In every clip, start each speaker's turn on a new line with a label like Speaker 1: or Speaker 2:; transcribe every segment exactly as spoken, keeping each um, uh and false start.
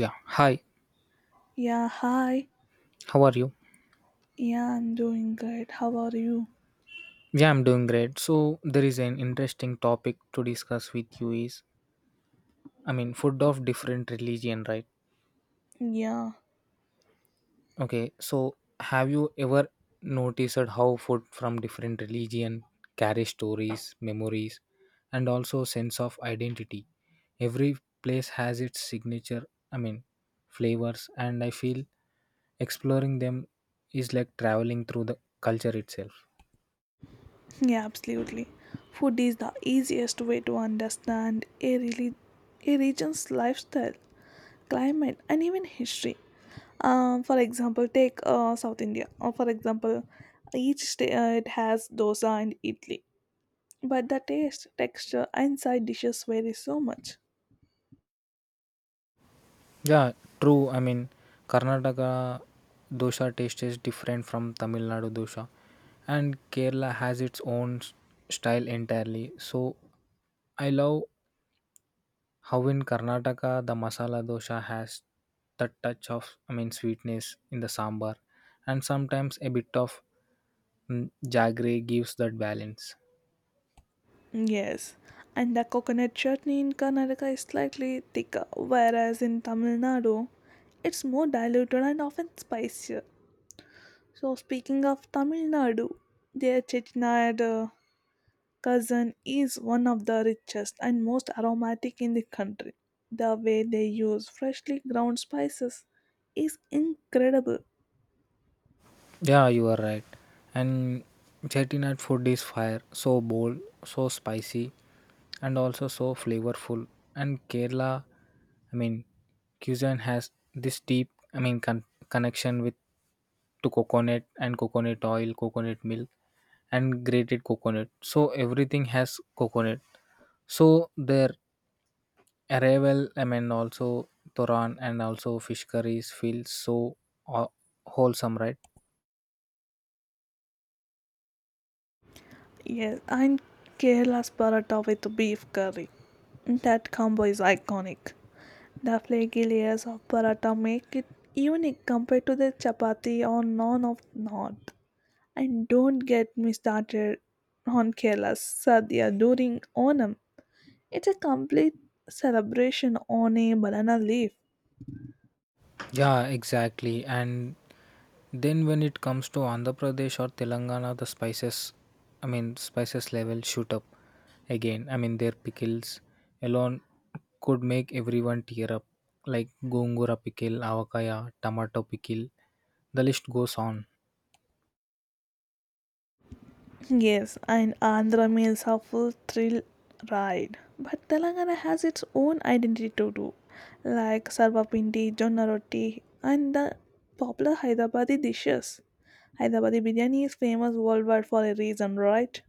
Speaker 1: Yeah, hi,
Speaker 2: Yeah, hi.
Speaker 1: how are you?
Speaker 2: Yeah, I'm doing great. How are you?
Speaker 1: Yeah, I'm doing great. So, there is an interesting topic to discuss with you is I mean, food of different religion, right?
Speaker 2: Yeah,
Speaker 1: Okay, so have you ever noticed how food from different religion carries stories, memories, and also sense of identity? Every place has its signature, I mean, flavors, and I feel exploring them is like traveling through the culture itself.
Speaker 2: yeah, absolutely. Food is the easiest way to understand a really a region's lifestyle, climate, and even history. Um, for example, take uh, South India. Or for example, each state uh, it has dosa and idli, but the taste, texture, and side dishes vary so much.
Speaker 1: Yeah, true. I mean, Karnataka dosa taste is different from Tamil Nadu dosa, and Kerala has its own s- style entirely. So, I love how in Karnataka the masala dosa has that touch of, I mean, sweetness in the sambar, and sometimes a bit of mm, jaggery gives that balance.
Speaker 2: Yes, and the coconut chutney in Karnataka is slightly thicker, whereas in Tamil Nadu, it's more diluted and often spicier. So, speaking of Tamil Nadu, their chettinad uh, cousin is one of the richest and most aromatic in the country. The way they use freshly ground spices is incredible.
Speaker 1: Yeah, you are right. And chettinad food is fire, so bold, so spicy, and also so flavorful. And Kerala, I mean, cuisine has this deep, I mean, con- connection with to coconut and coconut oil, coconut milk, and grated coconut. So everything has coconut. So their arrival, I mean, also Toran and also fish curries feel so uh, wholesome, right?
Speaker 2: Yes, and Kerala's paratha with beef curry. That combo is iconic. The flaky layers of paratha make it unique compared to the chapati or naan of north. And don't get me started on Kerala's sadhya during Onam. It's a complete celebration on a banana leaf.
Speaker 1: Yeah, exactly. And then when it comes to Andhra Pradesh or Telangana, the spices, I mean, spices level shoot up again. I mean, their pickles alone could make everyone tear up, like gongura pickle, avakaya, tomato pickle. The list goes on.
Speaker 2: Yes, and Andhra means helpful thrill ride. But Telangana has its own identity to do, like sarvapindi, jonna roti, and the popular Hyderabadi dishes. Hyderabadi biryani is famous worldwide for a reason, right?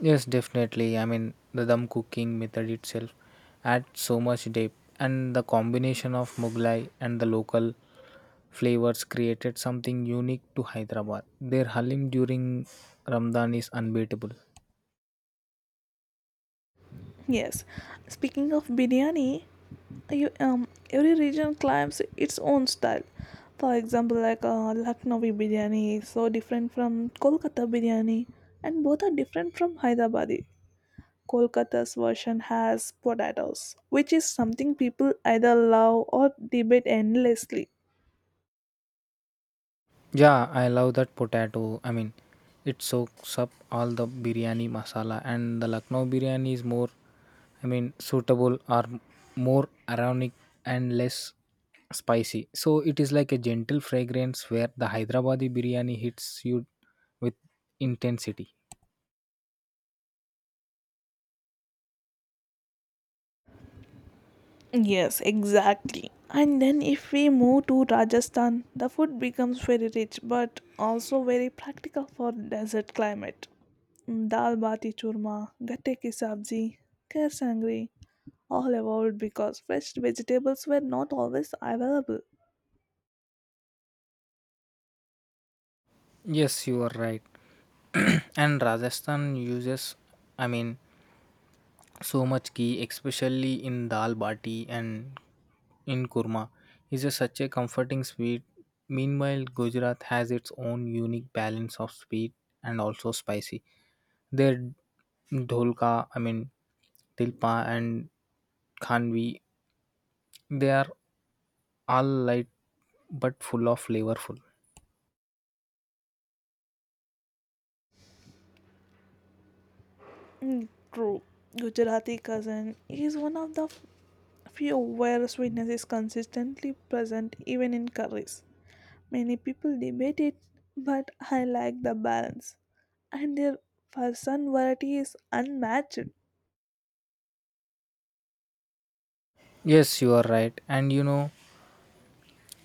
Speaker 1: Yes, definitely. I mean, the dum cooking method itself adds so much depth, and the combination of Mughlai and the local flavors created something unique to Hyderabad. Their halim during Ramadan is unbeatable.
Speaker 2: Yes. Speaking of biryani, you, um, every region claims its own style. For example, like uh, Lucknowi biryani is so different from Kolkata biryani, and both are different from Hyderabadi. Kolkata's version has potatoes, which is something people either love or debate endlessly.
Speaker 1: Yeah, I love that potato. I mean, it soaks up all the biryani masala, and the Lucknow biryani is more, I mean, suitable or more ironic and less spicy. So it is like a gentle fragrance where the Hyderabadi biryani hits you with intensity.
Speaker 2: Yes, exactly. And then if we move to Rajasthan, the food becomes very rich but also very practical for desert climate. Mm, Dal bati churma, gatte ki sabzi, kher sangri, all evolved because fresh vegetables were not always available.
Speaker 1: Yes, you are right. And Rajasthan uses, I mean, so much ghee especially in dal bati and in kurma is a such a comforting sweet, meanwhile Gujarat has its own unique balance of sweet and also spicy. Their dholka, i mean tilpa, and khanvi, they are all light but full of flavorful.
Speaker 2: Mm, True. Gujarati cousin is one of the few where sweetness is consistently present even in curries. Many people debate it, but I like the balance, and their fasan variety is unmatched.
Speaker 1: Yes, you are right. And you know,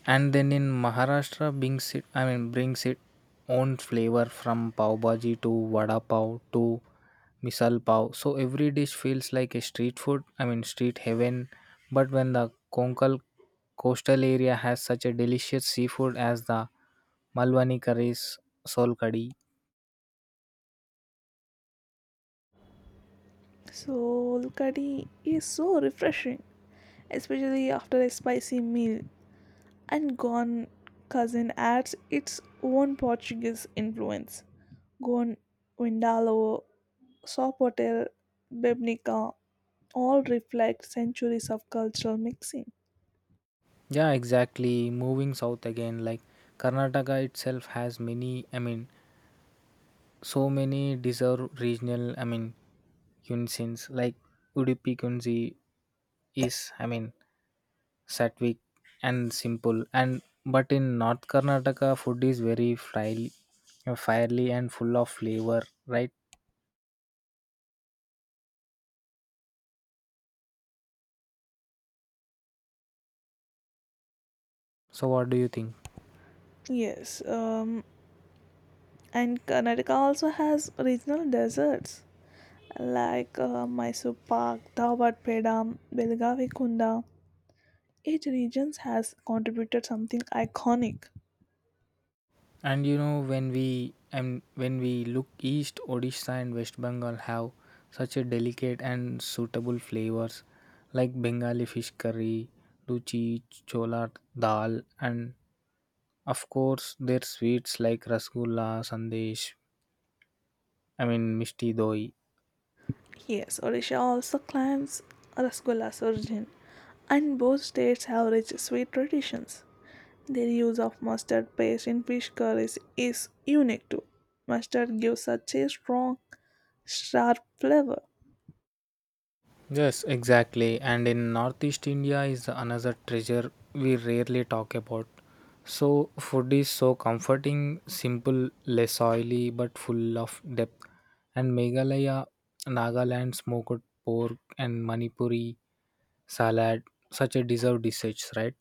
Speaker 1: and then in Maharashtra, brings it, I mean, brings it own flavor from pav bhaji to vada pav to misal pav. So every dish feels like a street food, I mean, street heaven. But when the Konkal coastal area has such a delicious seafood as the Malwani curries, sol kadhi.
Speaker 2: So, kadhi is so refreshing, especially after a spicy meal, and Gone Cousin adds its own Portuguese influence. Gone Windalo, Sopotel, Bebnica all reflect centuries of cultural mixing.
Speaker 1: Yeah, exactly. Moving south again, like Karnataka itself has many, I mean, so many deserve regional, I mean, cuisines like Udupi Kunzi is, I mean, Satvic and simple. And but in North Karnataka, food is very fry, fiery and full of flavor, right? So what do you think?
Speaker 2: Yes, um, and Karnataka also has regional deserts like uh, Mysore Park, Dawat Peda, Belgavi Kunda. Each region has contributed something iconic.
Speaker 1: And you know when we and when we look east, Odisha and West Bengal have such a delicate and suitable flavors like Bengali fish curry, luchi, chola dal, and of course, their sweets like rasgulla, sandesh, I mean misti doi.
Speaker 2: Yes, Odisha also claims Rasgulla's origin, and both states have rich sweet traditions. Their use of mustard paste in fish curries is unique too. Mustard gives such a strong, sharp flavor.
Speaker 1: Yes, exactly. And in Northeast India is another treasure we rarely talk about. So food is so comforting, simple, less oily, but full of depth. And Meghalaya, Nagaland smoked pork and Manipuri salad, such a deserved dishes, right?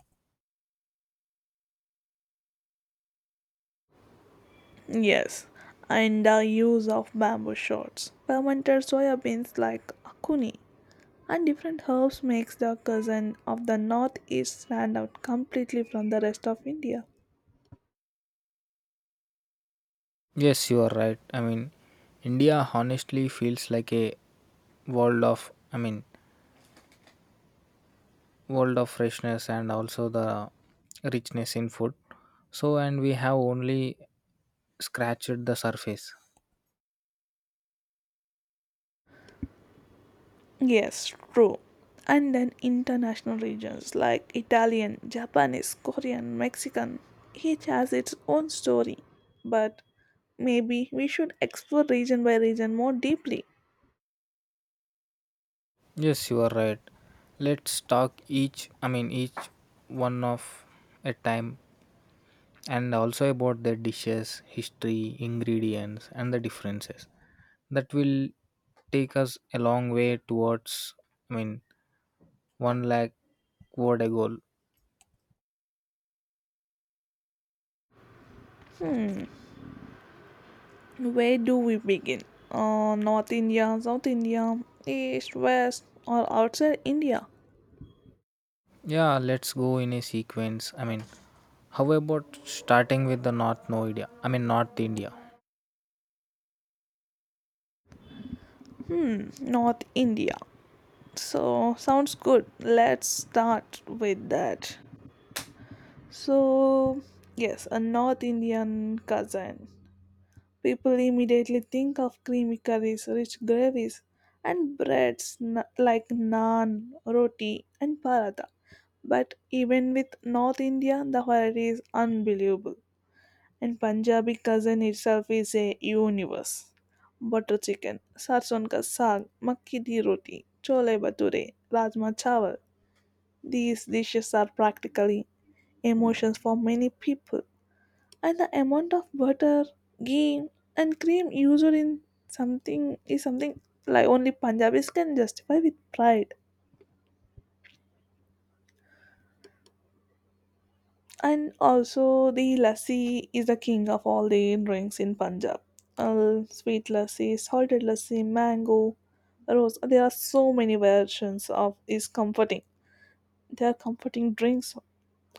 Speaker 2: Yes, and the use of bamboo shoots, fermented soya beans like akuni, and different herbs makes the cuisine of the northeast stand out completely from the rest of India.
Speaker 1: Yes, you are right. I mean, India honestly feels like a world of, I mean, world of freshness and also the richness in food. So, and we have only scratched the surface.
Speaker 2: Yes, true. And then international regions like Italian, Japanese, Korean, Mexican, each has its own story. But maybe we should explore region by region more deeply.
Speaker 1: Yes, you are right. Let's talk each, I mean, each one of a time and also about the dishes, history, ingredients, and the differences. That will take us a long way towards, I mean, one lakh word a goal.
Speaker 2: Hmm. Where do we begin? Uh, North India, South India, East, West, or outside India?
Speaker 1: Yeah, let's go in a sequence. I mean, how about starting with the North No India? I mean, North India.
Speaker 2: Hmm, North India. So, sounds good. Let's start with that. So, yes, a North Indian cousin. People immediately think of creamy curries, rich gravies, and breads na- like naan, roti, and paratha. But even with North India, the variety is unbelievable. And Punjabi cuisine itself is a universe. Butter chicken, sarson ka saag, makki di roti, chole bhature, rajma chawal. These dishes are practically emotions for many people. And the amount of butter, ghee, and cream used in something is something like only Punjabis can justify with pride. And also, the lassi is the king of all the drinks in Punjab. Uh, sweet lassi, salted lassi, mango, rose. There are so many versions of is comforting. They are comforting drinks,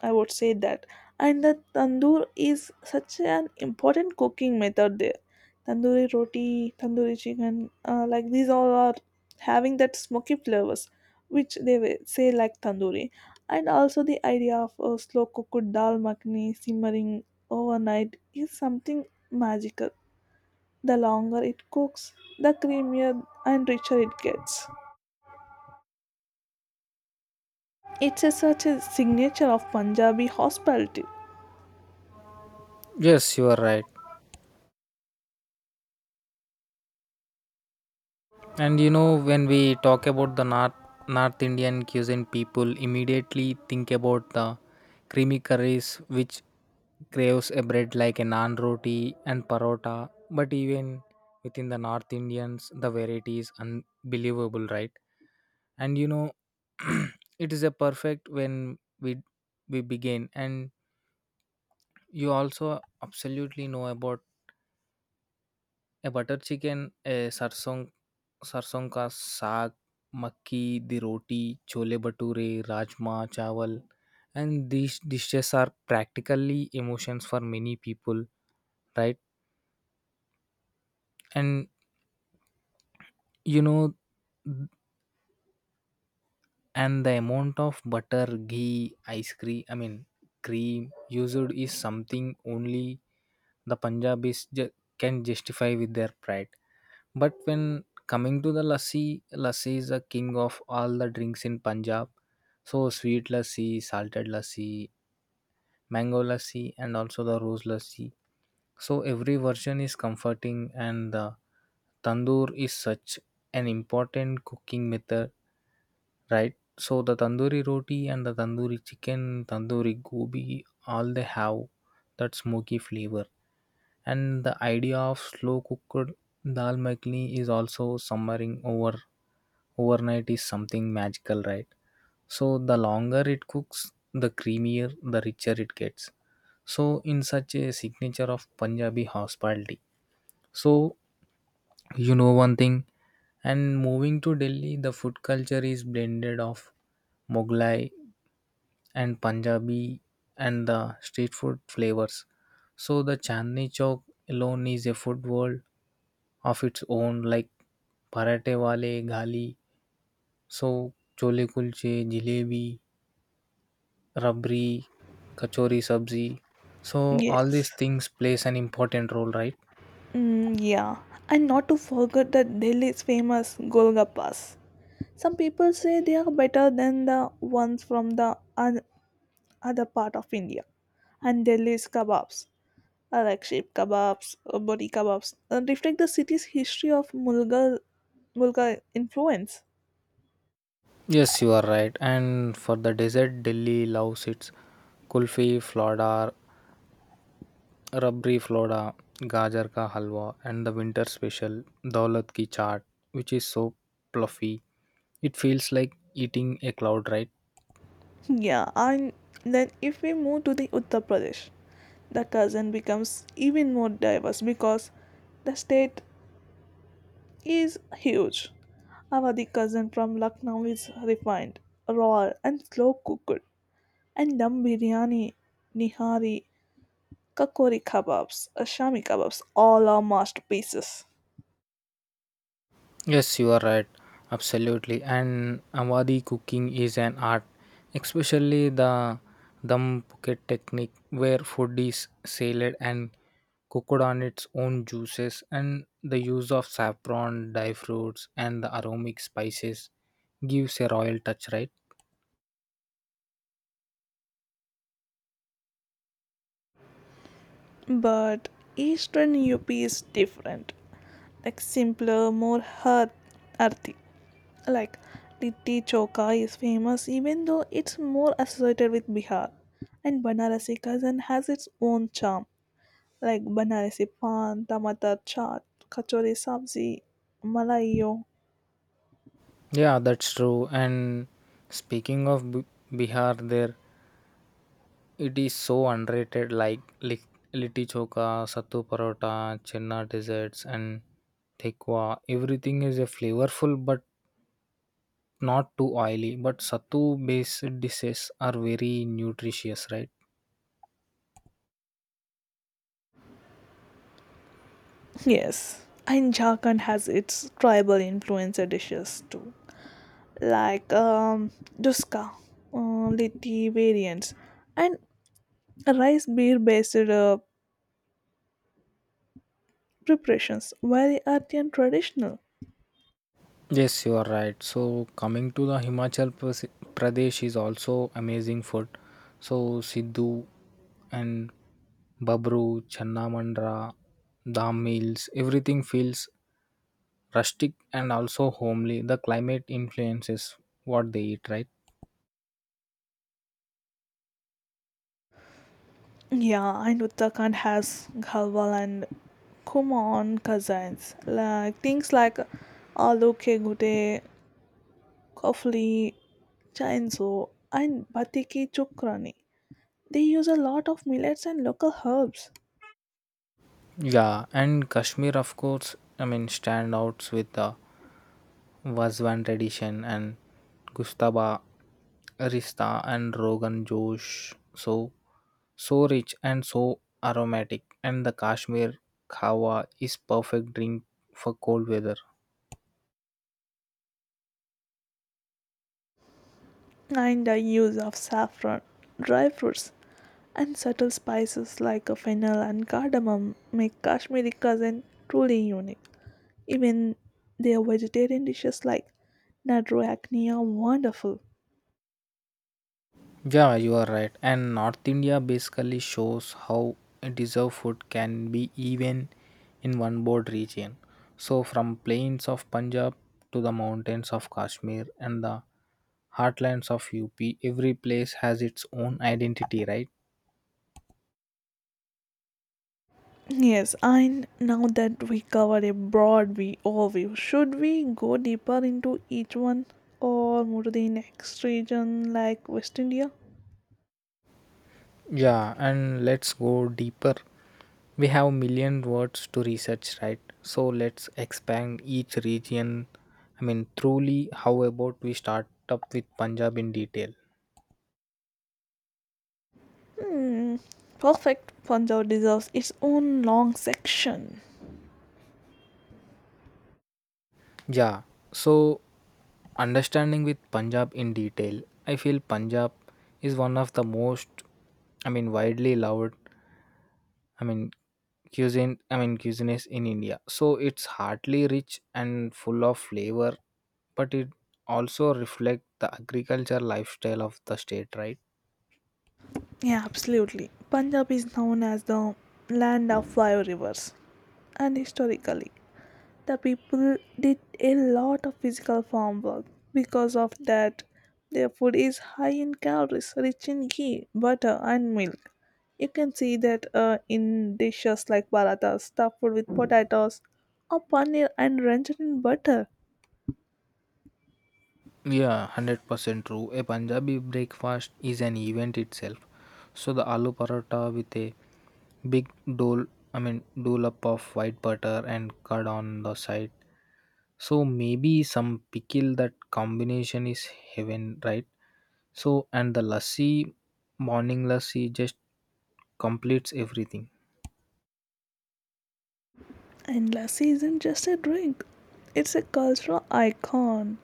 Speaker 2: I would say that. And the tandoor is such an important cooking method there. Tandoori roti, tandoori chicken, uh, like these all are having that smoky flavors, which they will say like tandoori. And also the idea of a slow cooked dal makhni simmering overnight is something magical. The longer it cooks, the creamier and richer it gets. It's a, such a signature of Punjabi hospitality.
Speaker 1: Yes, you are right. And you know, when we talk about the North North Indian cuisine, people immediately think about the creamy curries, which craves a bread like a naan, roti, and parota. But even within the North Indians, the variety is unbelievable, right? And you know, it is a perfect when we we begin, and you also absolutely know about a butter chicken, a sarson, sarson ka saag, makki di roti, chole bhature, rajma chawal, and these dishes are practically emotions for many people, right? And you know, and the amount of butter, ghee, ice cream, I mean cream used is something only the Punjabis ju- can justify with their pride. But when coming to the lassi, lassi is the king of all the drinks in Punjab. So sweet lassi, salted lassi, mango lassi, and also the rose lassi. So every version is comforting, and the tandoor is such an important cooking method, right? So the tandoori roti and the tandoori chicken, tandoori gobi, all they have that smoky flavor. And the idea of slow cooked dal makhani is also simmering over overnight is something magical, right? So the longer it cooks, the creamier, the richer it gets. So in such a signature of Punjabi hospitality. So you know one thing, and moving to Delhi, the food culture is blended of Mughlai and Punjabi and the street food flavors. So the Chandni Chowk alone is a food world of its own, like parathe wale, ghali, so chole kulche, jalebi, rabri, kachori sabzi. So all
Speaker 2: Yes.
Speaker 1: these things plays an important role, right?
Speaker 2: Mm, yeah, and not to forget the Delhi's famous Golgappas. Some people say they are better than the ones from the oth- other part of India. And Delhi's kebabs, uh, like sheep kebabs, uh, body kebabs, uh, reflect the city's history of Mulgar, Mulgar influence.
Speaker 1: Yes, you are right. And for the dessert, Delhi loves its kulfi, flora, rabri flora, gajar ka halwa, and the winter special daulat ki chaat, which is so fluffy. It feels like eating a cloud, right?
Speaker 2: Yeah, and then if we move to the Uttar Pradesh, the cousin becomes even more diverse because the state is huge. Avadi cousin from Lucknow is refined, raw and slow cooked, and dum biryani, nihari, kakori kebabs, Ashami kebabs, all are masterpieces.
Speaker 1: Yes, you are right. Absolutely. And Awadhi cooking is an art, especially the dum pocket technique where food is salad and cooked on its own juices, and the use of saffron, dry fruits, and the aromatic spices gives a royal touch, right?
Speaker 2: But Eastern U P is different, like simpler, more hearth, earthy. Like Litti Choka is famous even though it's more associated with Bihar, and Banarasi cousin has its own charm like banane se pan, tamata chaat, kachori sabzi, malayo.
Speaker 1: Yeah, that's true. And speaking of B- Bihar, their, it is so underrated, like lit- litti choka, sattu parota, chenna desserts, and thekwa. Everything is a flavorful but not too oily. But sattu based dishes are very nutritious, right?
Speaker 2: Yes, and Jharkhand has its tribal influencer dishes too, like um, duska, uh, litti variants, and rice beer based uh, preparations, very earthy and traditional.
Speaker 1: Yes, you are right. So, coming to the Himachal Pras- Pradesh is also amazing food. So, Sidhu and Babru, Channamandra, Dam Mills, everything feels rustic and also homely. The climate influences what they eat, right?
Speaker 2: Yeah, and Uttarakhand has ghawal and kumon cuisines, like things like aloo ke gute, kofli, Chainsaw and batiki chukrani. They use a lot of millets and local herbs,
Speaker 1: Yeah, and Kashmir, of course, I mean, standouts with the Vazwan tradition and Gustaba, Rista, and Rogan Josh. So, so rich and so aromatic. And the Kashmir Kawa is perfect drink for cold weather.
Speaker 2: and the use of saffron, dry fruits, and subtle spices like a fennel and cardamom make Kashmiri cuisine truly unique. Even their vegetarian dishes like Nadruakni are wonderful.
Speaker 1: Yeah, you are right. And North India basically shows how a deserved food can be even in one board region. So from plains of Punjab to the mountains of Kashmir and the heartlands of U P, every place has its own identity, right?
Speaker 2: Yes, and now that we covered a broad view overview, should we go deeper into each one or more to the next region like West India?
Speaker 1: Yeah, and let's go deeper. We have million words to research, right? So let's expand each region. I mean, truly, how about we start up with Punjab in detail?
Speaker 2: Hmm. Perfect Punjab deserves its own long section.
Speaker 1: Yeah, so understanding with Punjab in detail, I feel Punjab is one of the most, I mean, widely loved, I mean, cuisine, I mean, cuisines in India. So it's heartily rich and full of flavor, but it also reflects the agriculture lifestyle of the state, right?
Speaker 2: Yeah, absolutely. Punjab is known as the land of five rivers, and historically, the people did a lot of physical farm work. Because of that, their food is high in calories, rich in ghee, butter, and milk. You can see that uh, in dishes like parathas, stuffed with potatoes, or paneer and rendered in butter.
Speaker 1: Yeah, one hundred percent true. A Punjabi breakfast is an event itself. So the aloo paratha with a big dole, I mean, dollop of white butter and curd on the side. So maybe some pickle, that combination is heaven, right? So and the lassi, morning lassi just completes everything.
Speaker 2: And lassi isn't just a drink, it's a cultural icon.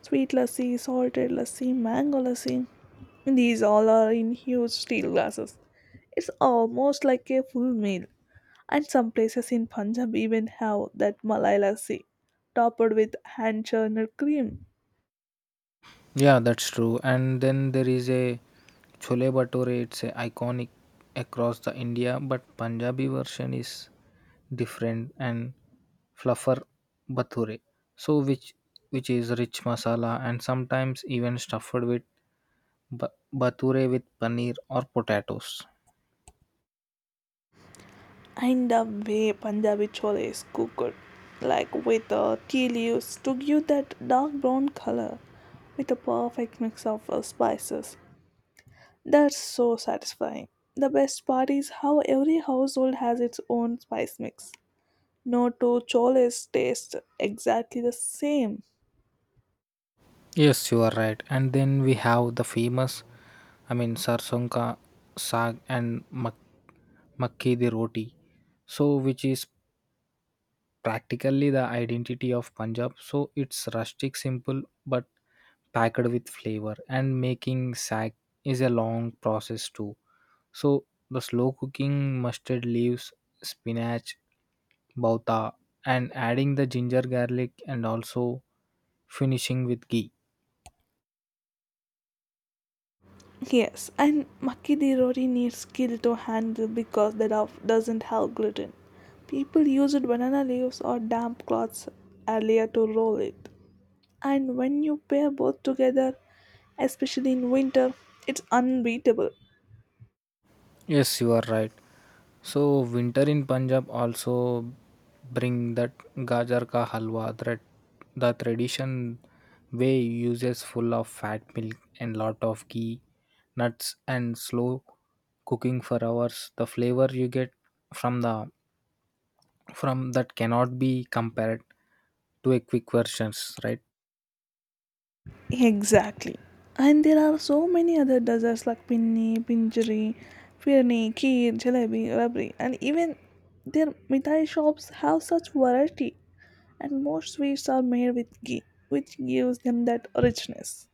Speaker 2: Sweet lassi, salted lassi, mango lassi. These all are in huge steel glasses. It's almost like a full meal. And some places in Punjab even have that Malai lassi, topped with hand churned cream.
Speaker 1: Yeah, that's true. And then there is a chole bhature. It's a iconic across the India, but Punjabi version is different and fluffer bhature. So which which is rich masala and sometimes even stuffed with ba- bhature with paneer or potatoes.
Speaker 2: And the way Punjabi chole is cooked, like with uh, tea leaves to give that dark brown color, with a perfect mix of uh, spices. That's so satisfying. The best part is how every household has its own spice mix. No two choles taste exactly the same.
Speaker 1: Yes, you are right. And then we have the famous, I mean, sarson ka saag and mak- makki di roti. So, which is practically the identity of Punjab. So it's rustic, simple, but packed with flavor. And making saag is a long process too. So the slow cooking mustard leaves, spinach, bauta, and adding the ginger, garlic, and also finishing with ghee.
Speaker 2: Yes, and makki di roti needs skill to handle because the dough doesn't have gluten. People used banana leaves or damp cloths earlier to roll it. And when you pair both together, especially in winter, it's unbeatable.
Speaker 1: Yes, you are right. So winter in Punjab also bring that gajar ka halwa, that the tradition way uses full of fat milk and lot of ghee, nuts, and slow cooking for hours. The flavor you get from the from that cannot be compared to a quick versions, right?
Speaker 2: Exactly. And there are so many other desserts like pinni, pinjari, firni, kheer, jalebi, rabri, and even their mithai shops have such variety. And most sweets are made with ghee, which gives them that richness.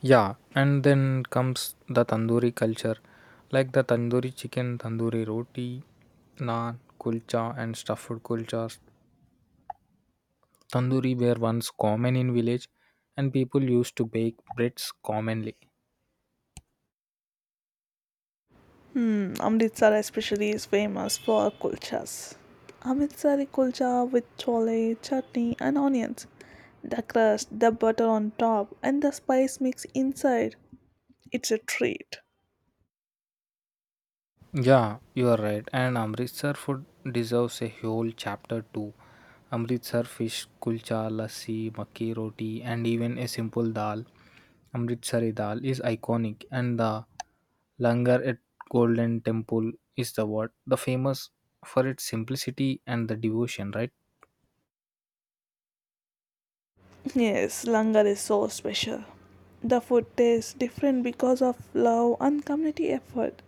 Speaker 1: Yeah, and then comes the tandoori culture, like the tandoori chicken, tandoori roti, naan, kulcha, and stuffed kulchas. Tandoori were once common in village, and people used to bake breads commonly.
Speaker 2: Hmm, Amritsar especially is famous for kulchas. Amritsari kulcha with chole, chutney, and onions. The crust, the butter on top, and the spice mix inside. It's a treat.
Speaker 1: Yeah, you are right. And Amritsar food deserves a whole chapter too. Amritsar fish, kulcha, lassi, makki roti, and even a simple dal, Amritsari dal, is iconic. And the langar at Golden Temple is the what the famous for its simplicity and the devotion, right?
Speaker 2: Yes, langar is so special. The food tastes different because of love and community effort.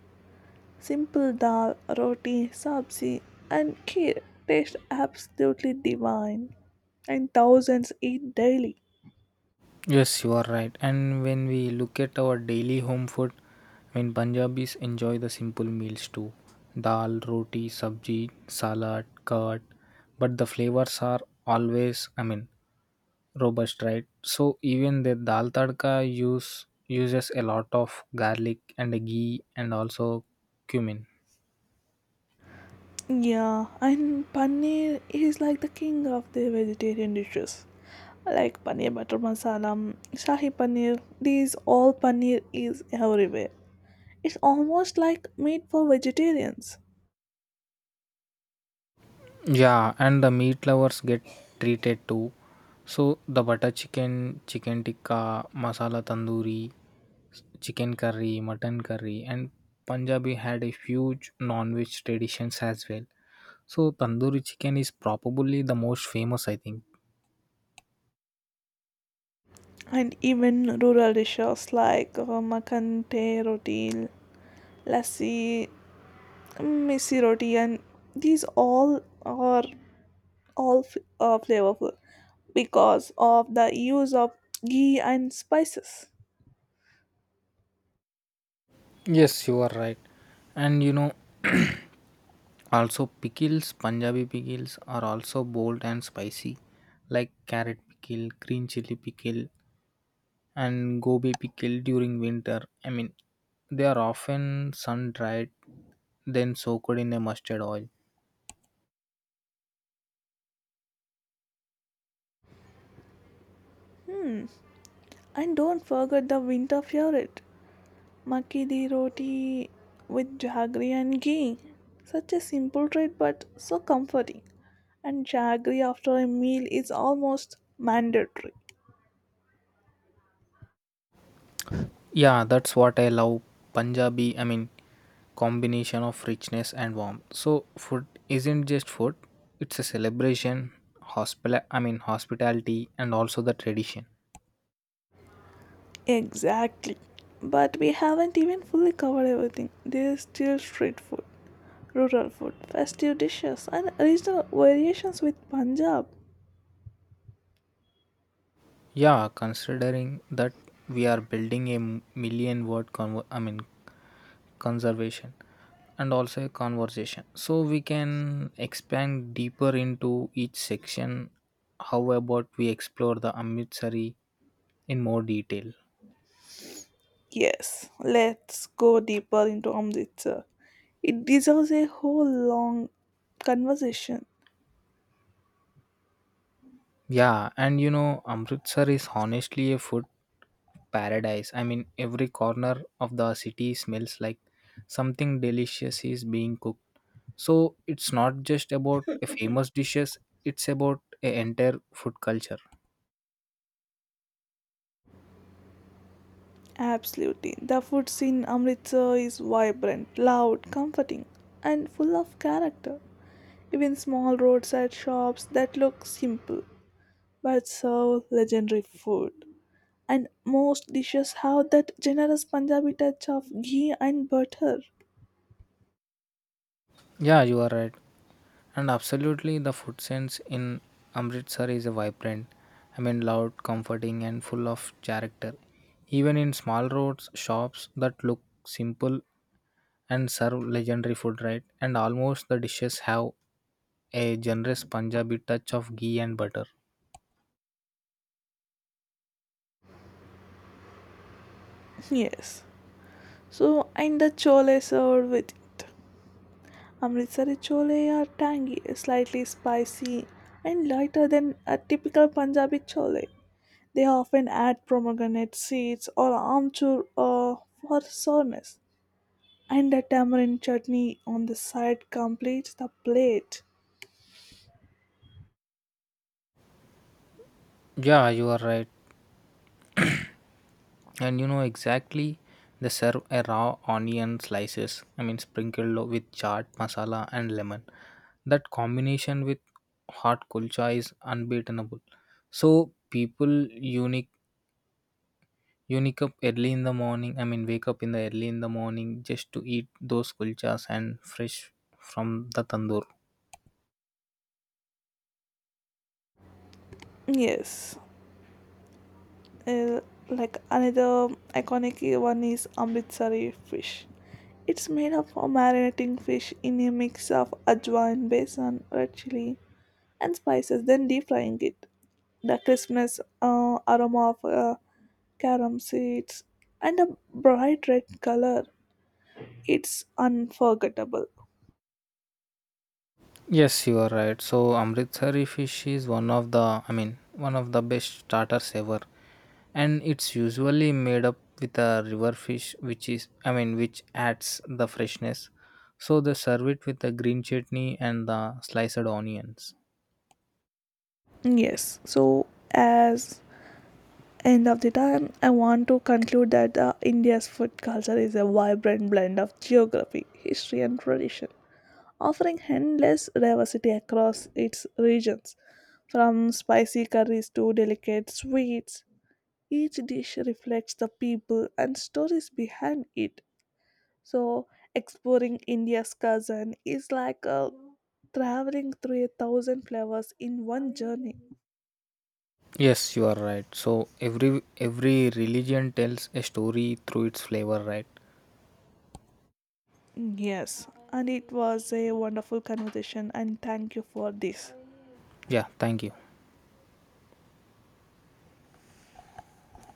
Speaker 2: Simple dal, roti, sabzi, and kheer taste absolutely divine, and thousands eat daily.
Speaker 1: Yes, you are right. And when we look at our daily home food, I mean, Punjabis enjoy the simple meals too, dal, roti, sabji, salad, curd. But the flavors are always, I mean, robust, right? So even the dal tadka use uses a lot of garlic and ghee and also cumin.
Speaker 2: Yeah, and paneer is like the king of the vegetarian dishes. Like paneer butter masala, shahi paneer, these all paneer is everywhere. It's almost like meat for vegetarians.
Speaker 1: Yeah, and the meat lovers get treated too. So the butter chicken, chicken tikka, masala tandoori, s- chicken curry, mutton curry, and Punjabi had a huge non-veg traditions as well. So tandoori chicken is probably the most famous, I think.
Speaker 2: And even rural dishes like uh, makhan te roti, lassi, missi roti, and these all are all f- uh, flavorful because of the use of ghee and spices.
Speaker 1: Yes, you are right. And you know, also pickles, Punjabi pickles are also bold and spicy, like carrot pickle, green chili pickle, and gobi pickle during winter. I mean, they are often sun dried, then soaked in a mustard oil.
Speaker 2: And don't forget the winter favorite, makki di roti with jaggery and ghee. Such a simple treat but so comforting. And jaggery after a meal is almost mandatory.
Speaker 1: Yeah, that's what I love. Punjabi, I mean, combination of richness and warmth. So, food isn't just food, it's a celebration, hospital, I mean, hospitality, and also the tradition.
Speaker 2: Exactly. But we haven't even fully covered everything. There's still street food, rural food, festive dishes, and regional variations with Punjab.
Speaker 1: Yeah, considering that we are building a million word convo- I mean conservation and also a conversation, so we can expand deeper into each section. How about we explore the amritsari in more detail?
Speaker 2: Yes, let's go deeper into Amritsar. It deserves a whole long conversation.
Speaker 1: Yeah, and you know, Amritsar is honestly a food paradise. I mean, every corner of the city smells like something delicious is being cooked. So it's not just about a famous dishes, it's about a entire food culture.
Speaker 2: Absolutely. The food scene in Amritsar is vibrant, loud, comforting, and full of character. Even small roadside shops that look simple but serve legendary food. And most dishes have that generous Punjabi touch of ghee and butter.
Speaker 1: Yeah, you are right. And absolutely, the food sense in Amritsar is a vibrant, I mean, loud, comforting, and full of character. Even in small roads, shops that look simple and serve legendary food, right? And almost the dishes have a generous Punjabi touch of ghee and butter.
Speaker 2: Yes. So, and the chole served with it. Amritsari chole are tangy, slightly spicy, and lighter than a typical Punjabi chole. They often add pomegranate seeds or amchur uh, for sourness. And the tamarind chutney on the side completes the plate.
Speaker 1: Yeah, you are right. And you know exactly, they serve a raw onion slices, i mean sprinkled lo- with chaat masala and lemon. That combination with hot kulcha is unbeatable. So people unique unique up early in the morning, i mean wake up in the early in the morning just to eat those kulchas and fresh from the tandoor.
Speaker 2: Yes. Uh, like another iconic one is Amritsari fish. It's made of a marinating fish in a mix of ajwain, besan, red chili, and spices, then deep frying it. The crispness, uh, aroma of uh, carom seeds, and a bright red color. It's unforgettable.
Speaker 1: Yes, you are right. So amritsari fish is one of the, i mean one of the best starters ever, and it's usually made up with a river fish which is, i mean which adds the freshness. So they serve it with the green chutney and the sliced onions.
Speaker 2: Yes, so as end of the time, I want to conclude that uh, India's food culture is a vibrant blend of geography, history, and tradition, offering endless diversity across its regions. From spicy curries to delicate sweets, each dish reflects the people and stories behind it. So, exploring India's cousin is like uh, traveling through a thousand flavors in one journey.
Speaker 1: Yes, you are right. So every every religion tells a story through its flavor, right?
Speaker 2: Yes, and it was a wonderful conversation, and thank you for this.
Speaker 1: Yeah, thank you.